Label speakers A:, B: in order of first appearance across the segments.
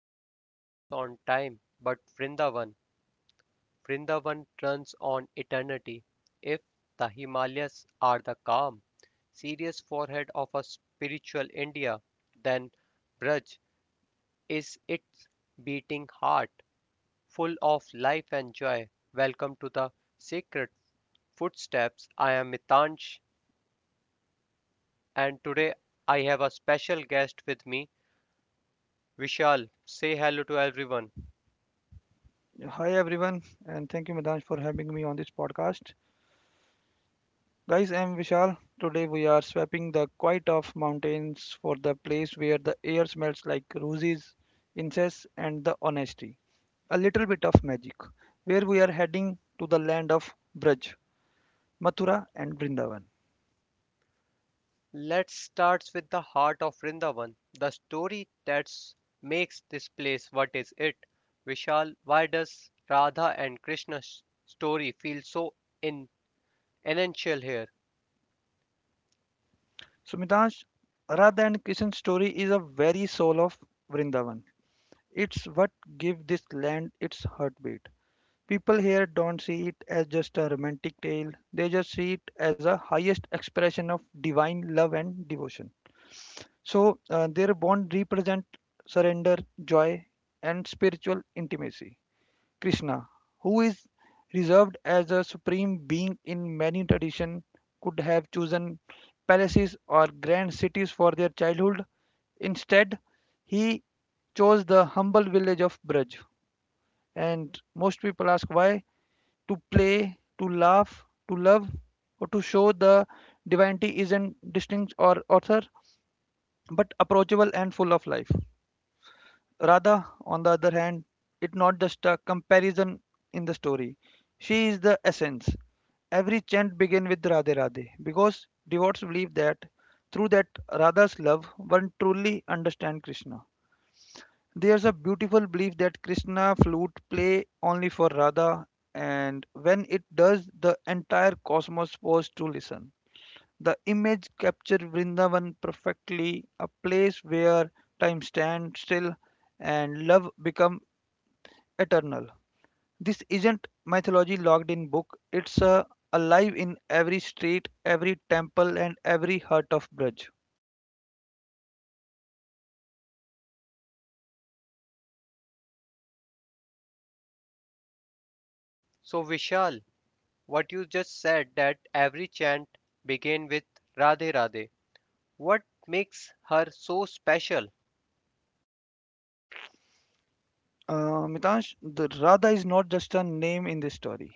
A: world runs on time, but Vrindavan runs on eternity. If the Himalayas are the calm, serious forehead of a spiritual India, then Braj is its beating heart, full of life and joy. Welcome to the sacred footsteps. I am Mitansh, and today I have a special guest with me, Vishal. Say hello to everyone.
B: Hi everyone, and thank you, Madanj, for having me on this podcast. Guys, I'm Vishal. Today we are swapping the quiet of mountains for the place where the air smells like roses, incense, and the honesty. A little bit of magic. Where we are heading to the land of Braj, Mathura, and Vrindavan.
A: Let's start with the heart of Vrindavan, the story that makes this place what is it. Vishal, why does Radha and Krishna's story feel so in essential here?
B: So, Madanj, Radha and Krishna's story is a very soul of Vrindavan. It's what gives this land its heartbeat. People here don't see it as just a romantic tale, they just see it as a highest expression of divine love and devotion. So, their bond represent surrender, joy, and spiritual intimacy. Krishna, who is reserved as a supreme being in many traditions, could have chosen palaces or grand cities for their childhood. Instead, he chose the humble village of Braj. And most people ask why to play, to laugh, to love, or to show the divinity isn't distinct or author, but approachable and full of life. Radha, on the other hand, it's not just a comparison in the story. She is the essence. Every chant begins with Radhe Radhe because devotees believe that through that Radha's love one truly understands Krishna. There's a beautiful belief that Krishna flute play only for Radha, and when it does, the entire cosmos pause to listen. The image captures Vrindavan perfectly, a place where time stands still and love becomes eternal. This isn't mythology locked in book, it's alive in every street, every temple, and every heart of Braj.
A: So Vishal, what you just said that every chant begin with Radhe Radhe. What makes her so special?
B: Mitansh, the Radha is not just a name in this story.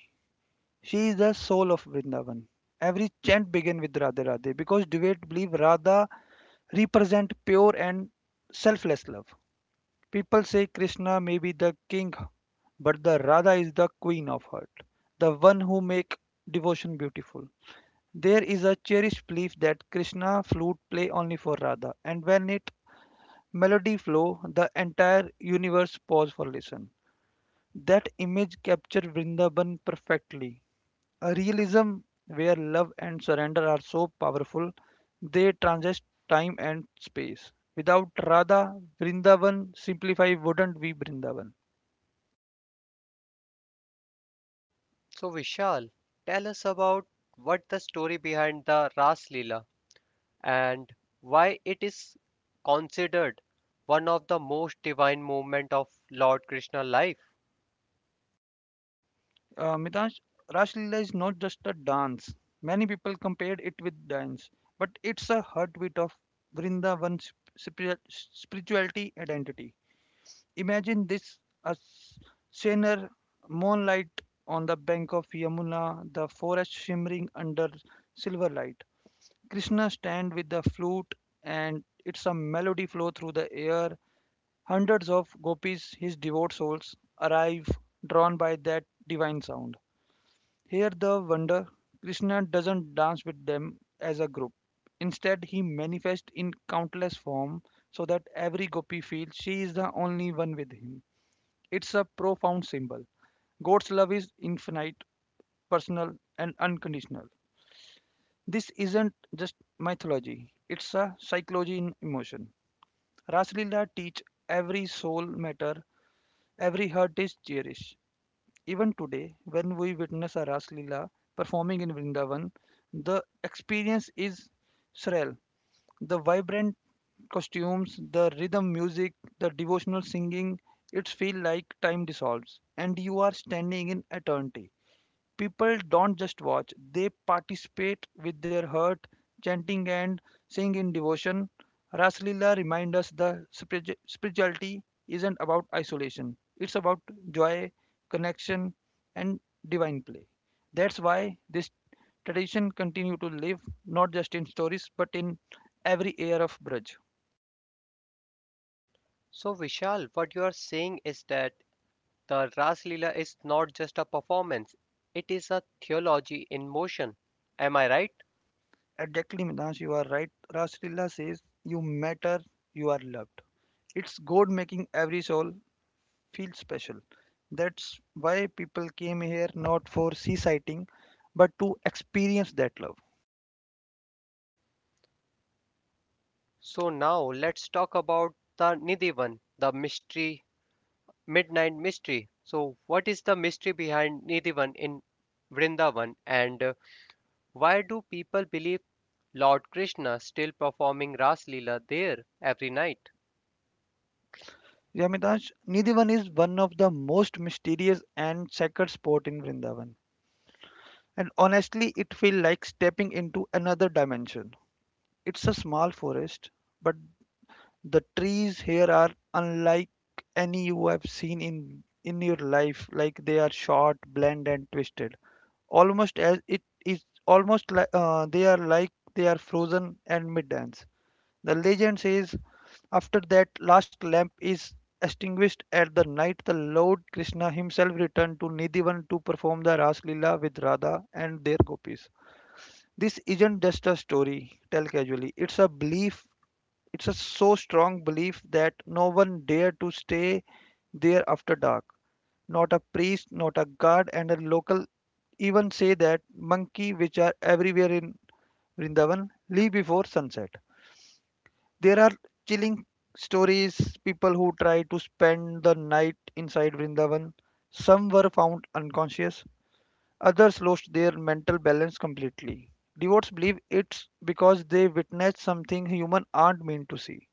B: She is the soul of Vrindavan. Every chant begins with Radhe Radhe because devotees believe Radha represent pure and selfless love. People say Krishna may be the king, but the Radha is the queen of heart, the one who make devotion beautiful. There is a cherished belief that Krishna flute play only for Radha, and when it melody flow, the entire universe pause for listen. That image capture Vrindavan perfectly, a realism where love and surrender are so powerful they transcend time and space. Without Radha, Vrindavan simplify wouldn't be Vrindavan.
A: So Vishal, tell us about what the story behind the Ras Leela. And why it is considered one of the most divine movement of Lord Krishna life.
B: Mitansh, Rash Leela is not just a dance. Many people compared it with dance, but it's a heartbeat of Vrindavan's spirituality identity. Imagine this, a scener, moonlight on the bank of Yamuna, the forest shimmering under silver light, Krishna stand with the flute and it's a melody flow through the air. Hundreds of gopis, his devout souls, arrive drawn by that divine sound. Here the wonder, Krishna doesn't dance with them as a group. Instead, he manifests in countless form so that every gopi feels she is the only one with him. It's a profound symbol. God's love is infinite, personal, and unconditional. This isn't just mythology, it's a psychology in emotion. Raslila teach every soul matter, every heart is cherished. Even today, when we witness a Raslila performing in Vrindavan, the experience is surreal. The vibrant costumes, the rhythm music, the devotional singing, it feels like time dissolves and you are standing in eternity. People don't just watch, they participate with their heart, chanting and singing in devotion. Raslila reminds us that spirituality isn't about isolation, it's about joy, connection, and divine play. That's why this tradition continues to live not just in stories but in every air of Braj.
A: So Vishal, what you are saying is that the Ras Leela is not just a performance, it is a theology in motion. Am I right?
B: Exactly, Midansh, you are right. Raslila says, you matter, you are loved. It's God making every soul feel special. That's why people came here not for sea sighting but to experience that love.
A: So now let's talk about the Nidhivan, the mystery, midnight mystery. So what is the mystery behind Nidhivan in Vrindavan and why do people believe Lord Krishna still performing Ras Leela there every night.
B: Yamidash, Nidhivan is one of the most mysterious and sacred spot in Vrindavan. And honestly, it feels like stepping into another dimension. It's a small forest, but the trees here are unlike any you have seen in your life. Like they are short, bland, and twisted. Almost as it is, almost like, they are frozen and mid-dance. The legend says after that last lamp is extinguished at the night, the Lord Krishna himself returned to Nidivan to perform the Ras Lila with Radha and their gopis. This isn't just a story, tell casually. It's a belief, it's a so strong belief that no one dare to stay there after dark. Not a priest, not a guard, and a local even say that monkey which are everywhere in Vrindavan leave before sunset. There are chilling stories, people who try to spend the night inside Vrindavan. Some were found unconscious, others lost their mental balance completely. Devotees believe it's because they witnessed something human aren't meant to see.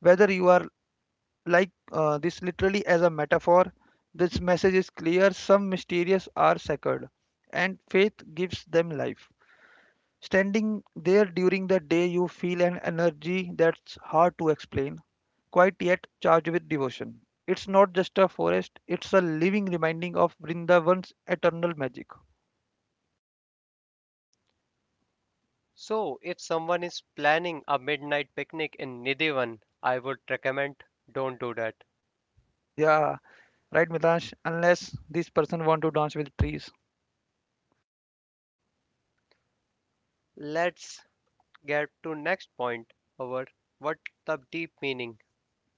B: Whether you are like, this literally as a metaphor, this message is clear. Some mysterious are sacred, and faith gives them life. Standing there during the day, you feel an energy that's hard to explain, quite yet charged with devotion. It's not just a forest, it's a living reminding of Vrindavan's eternal magic.
A: So if someone is planning a midnight picnic in Nidivan, I would recommend don't do that.
B: Yeah, right, Mitansh, unless this person want to dance with trees.
A: Let's get to next point over what the deep meaning.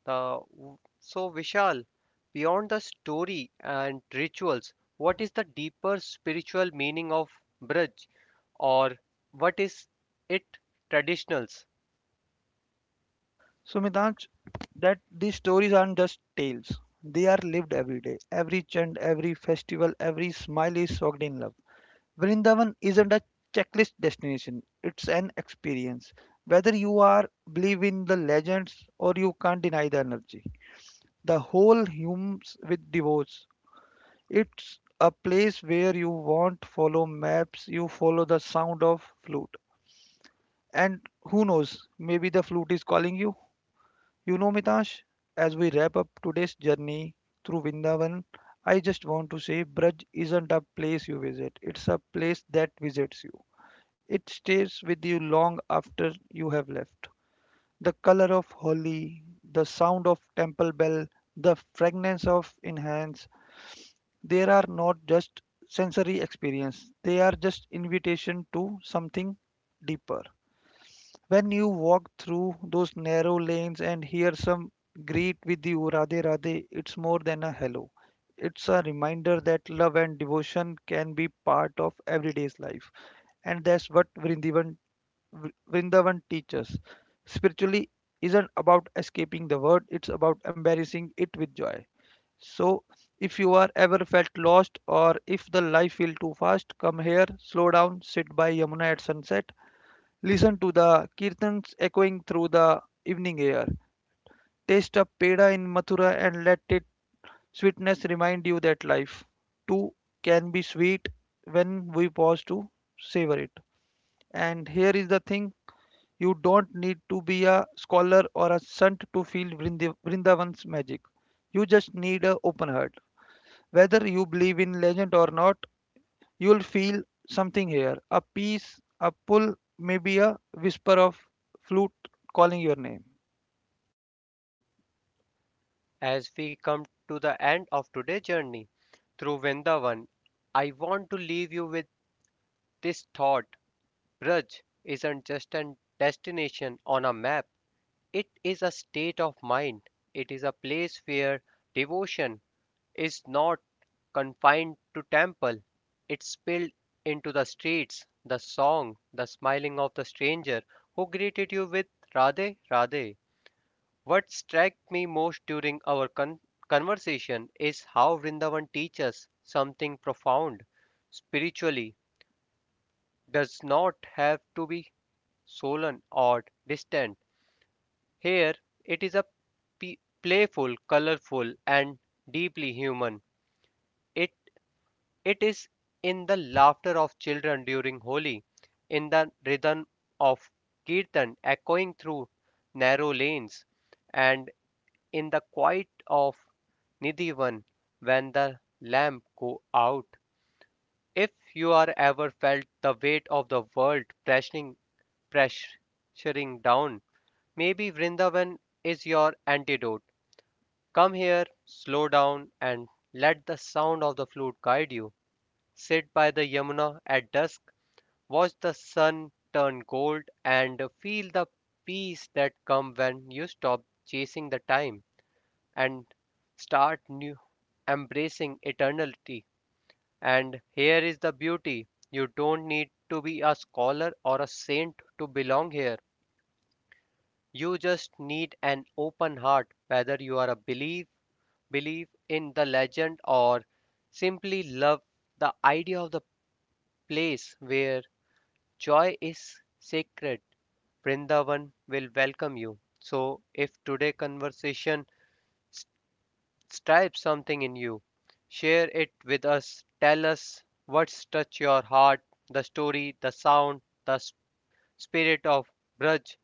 A: The so Vishal, beyond the story and rituals, what is the deeper spiritual meaning of Braj or what is it traditionals?
B: So, Mitanj, that these stories aren't just tales. They are lived every day. Every chant, every festival, every smile is soaked in love. Vrindavan isn't a checklist destination, it's an experience. Whether you are believe in the legends or you can't deny the energy. The whole hums with devotes. It's a place where you won't follow maps, you follow the sound of flute. And who knows, maybe the flute is calling you. You know, Mitash, as we wrap up today's journey through Vindavan, I just want to say Braj isn't a place you visit, it's a place that visits you. It stays with you long after you have left. The color of holly, the sound of temple bell, the fragrance of incense, they are not just sensory experience, they are just invitation to something deeper. When you walk through those narrow lanes and hear some greet with you, Radhe Radhe, it's more than a hello. It's a reminder that love and devotion can be part of everyday's life. And that's what Vrindavan, Vrindavan teaches. Spiritually isn't about escaping the world, it's about embracing it with joy. So, if you are ever felt lost or if the life feel too fast, come here, slow down, sit by Yamuna at sunset, listen to the kirtans echoing through the evening air. Taste a peda in Mathura and let its sweetness remind you that life too can be sweet when we pause to savor it. And here is the thing, you don't need to be a scholar or a saint to feel Vrindavan's magic. You just need an open heart. Whether you believe in legend or not, you'll feel something here, a peace, a pull, maybe a whisper of flute calling your name.
A: As we come to the end of today's journey, through Vrindavan. I want to leave you with this thought Braj isn't just a destination on a map, it is a state of mind. It is a place where devotion is not confined to temple, it spilled into the streets, the song, the smiling of the stranger who greeted you with Radhe Radhe. What struck me most during conversation is how Vrindavan teaches something profound spiritually does not have to be solemn or distant. Here it is a p- playful, colorful and deeply human. It it is in the laughter of children during Holi, in the rhythm of kirtan echoing through narrow lanes and in the quiet of Nidhivan, when the lamp go out, if you are ever felt the weight of the world pressing pressuring down, maybe Vrindavan is your antidote. Come here, slow down, and let the sound of the flute guide you. Sit by the Yamuna at dusk, watch the sun turn gold, and feel the peace that comes when you stop chasing the time and start new embracing eternity. And here is the beauty. You don't need to be a scholar or a saint to belong here. You just need an open heart, whether you believe in the legend or simply love the idea of the place where joy is sacred. Vrindavan will welcome you. So if today conversation Stripe something in you. Share it with us. Tell us what's touched your heart, the story, the sound, the spirit of Braj.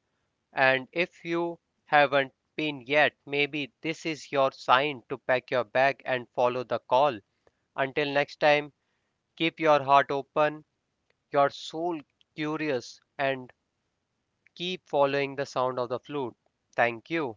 A: And if you haven't been yet, maybe this is your sign to pack your bag and follow the call. Until next time, keep your heart open, your soul curious, and keep following the sound of the flute. Thank you.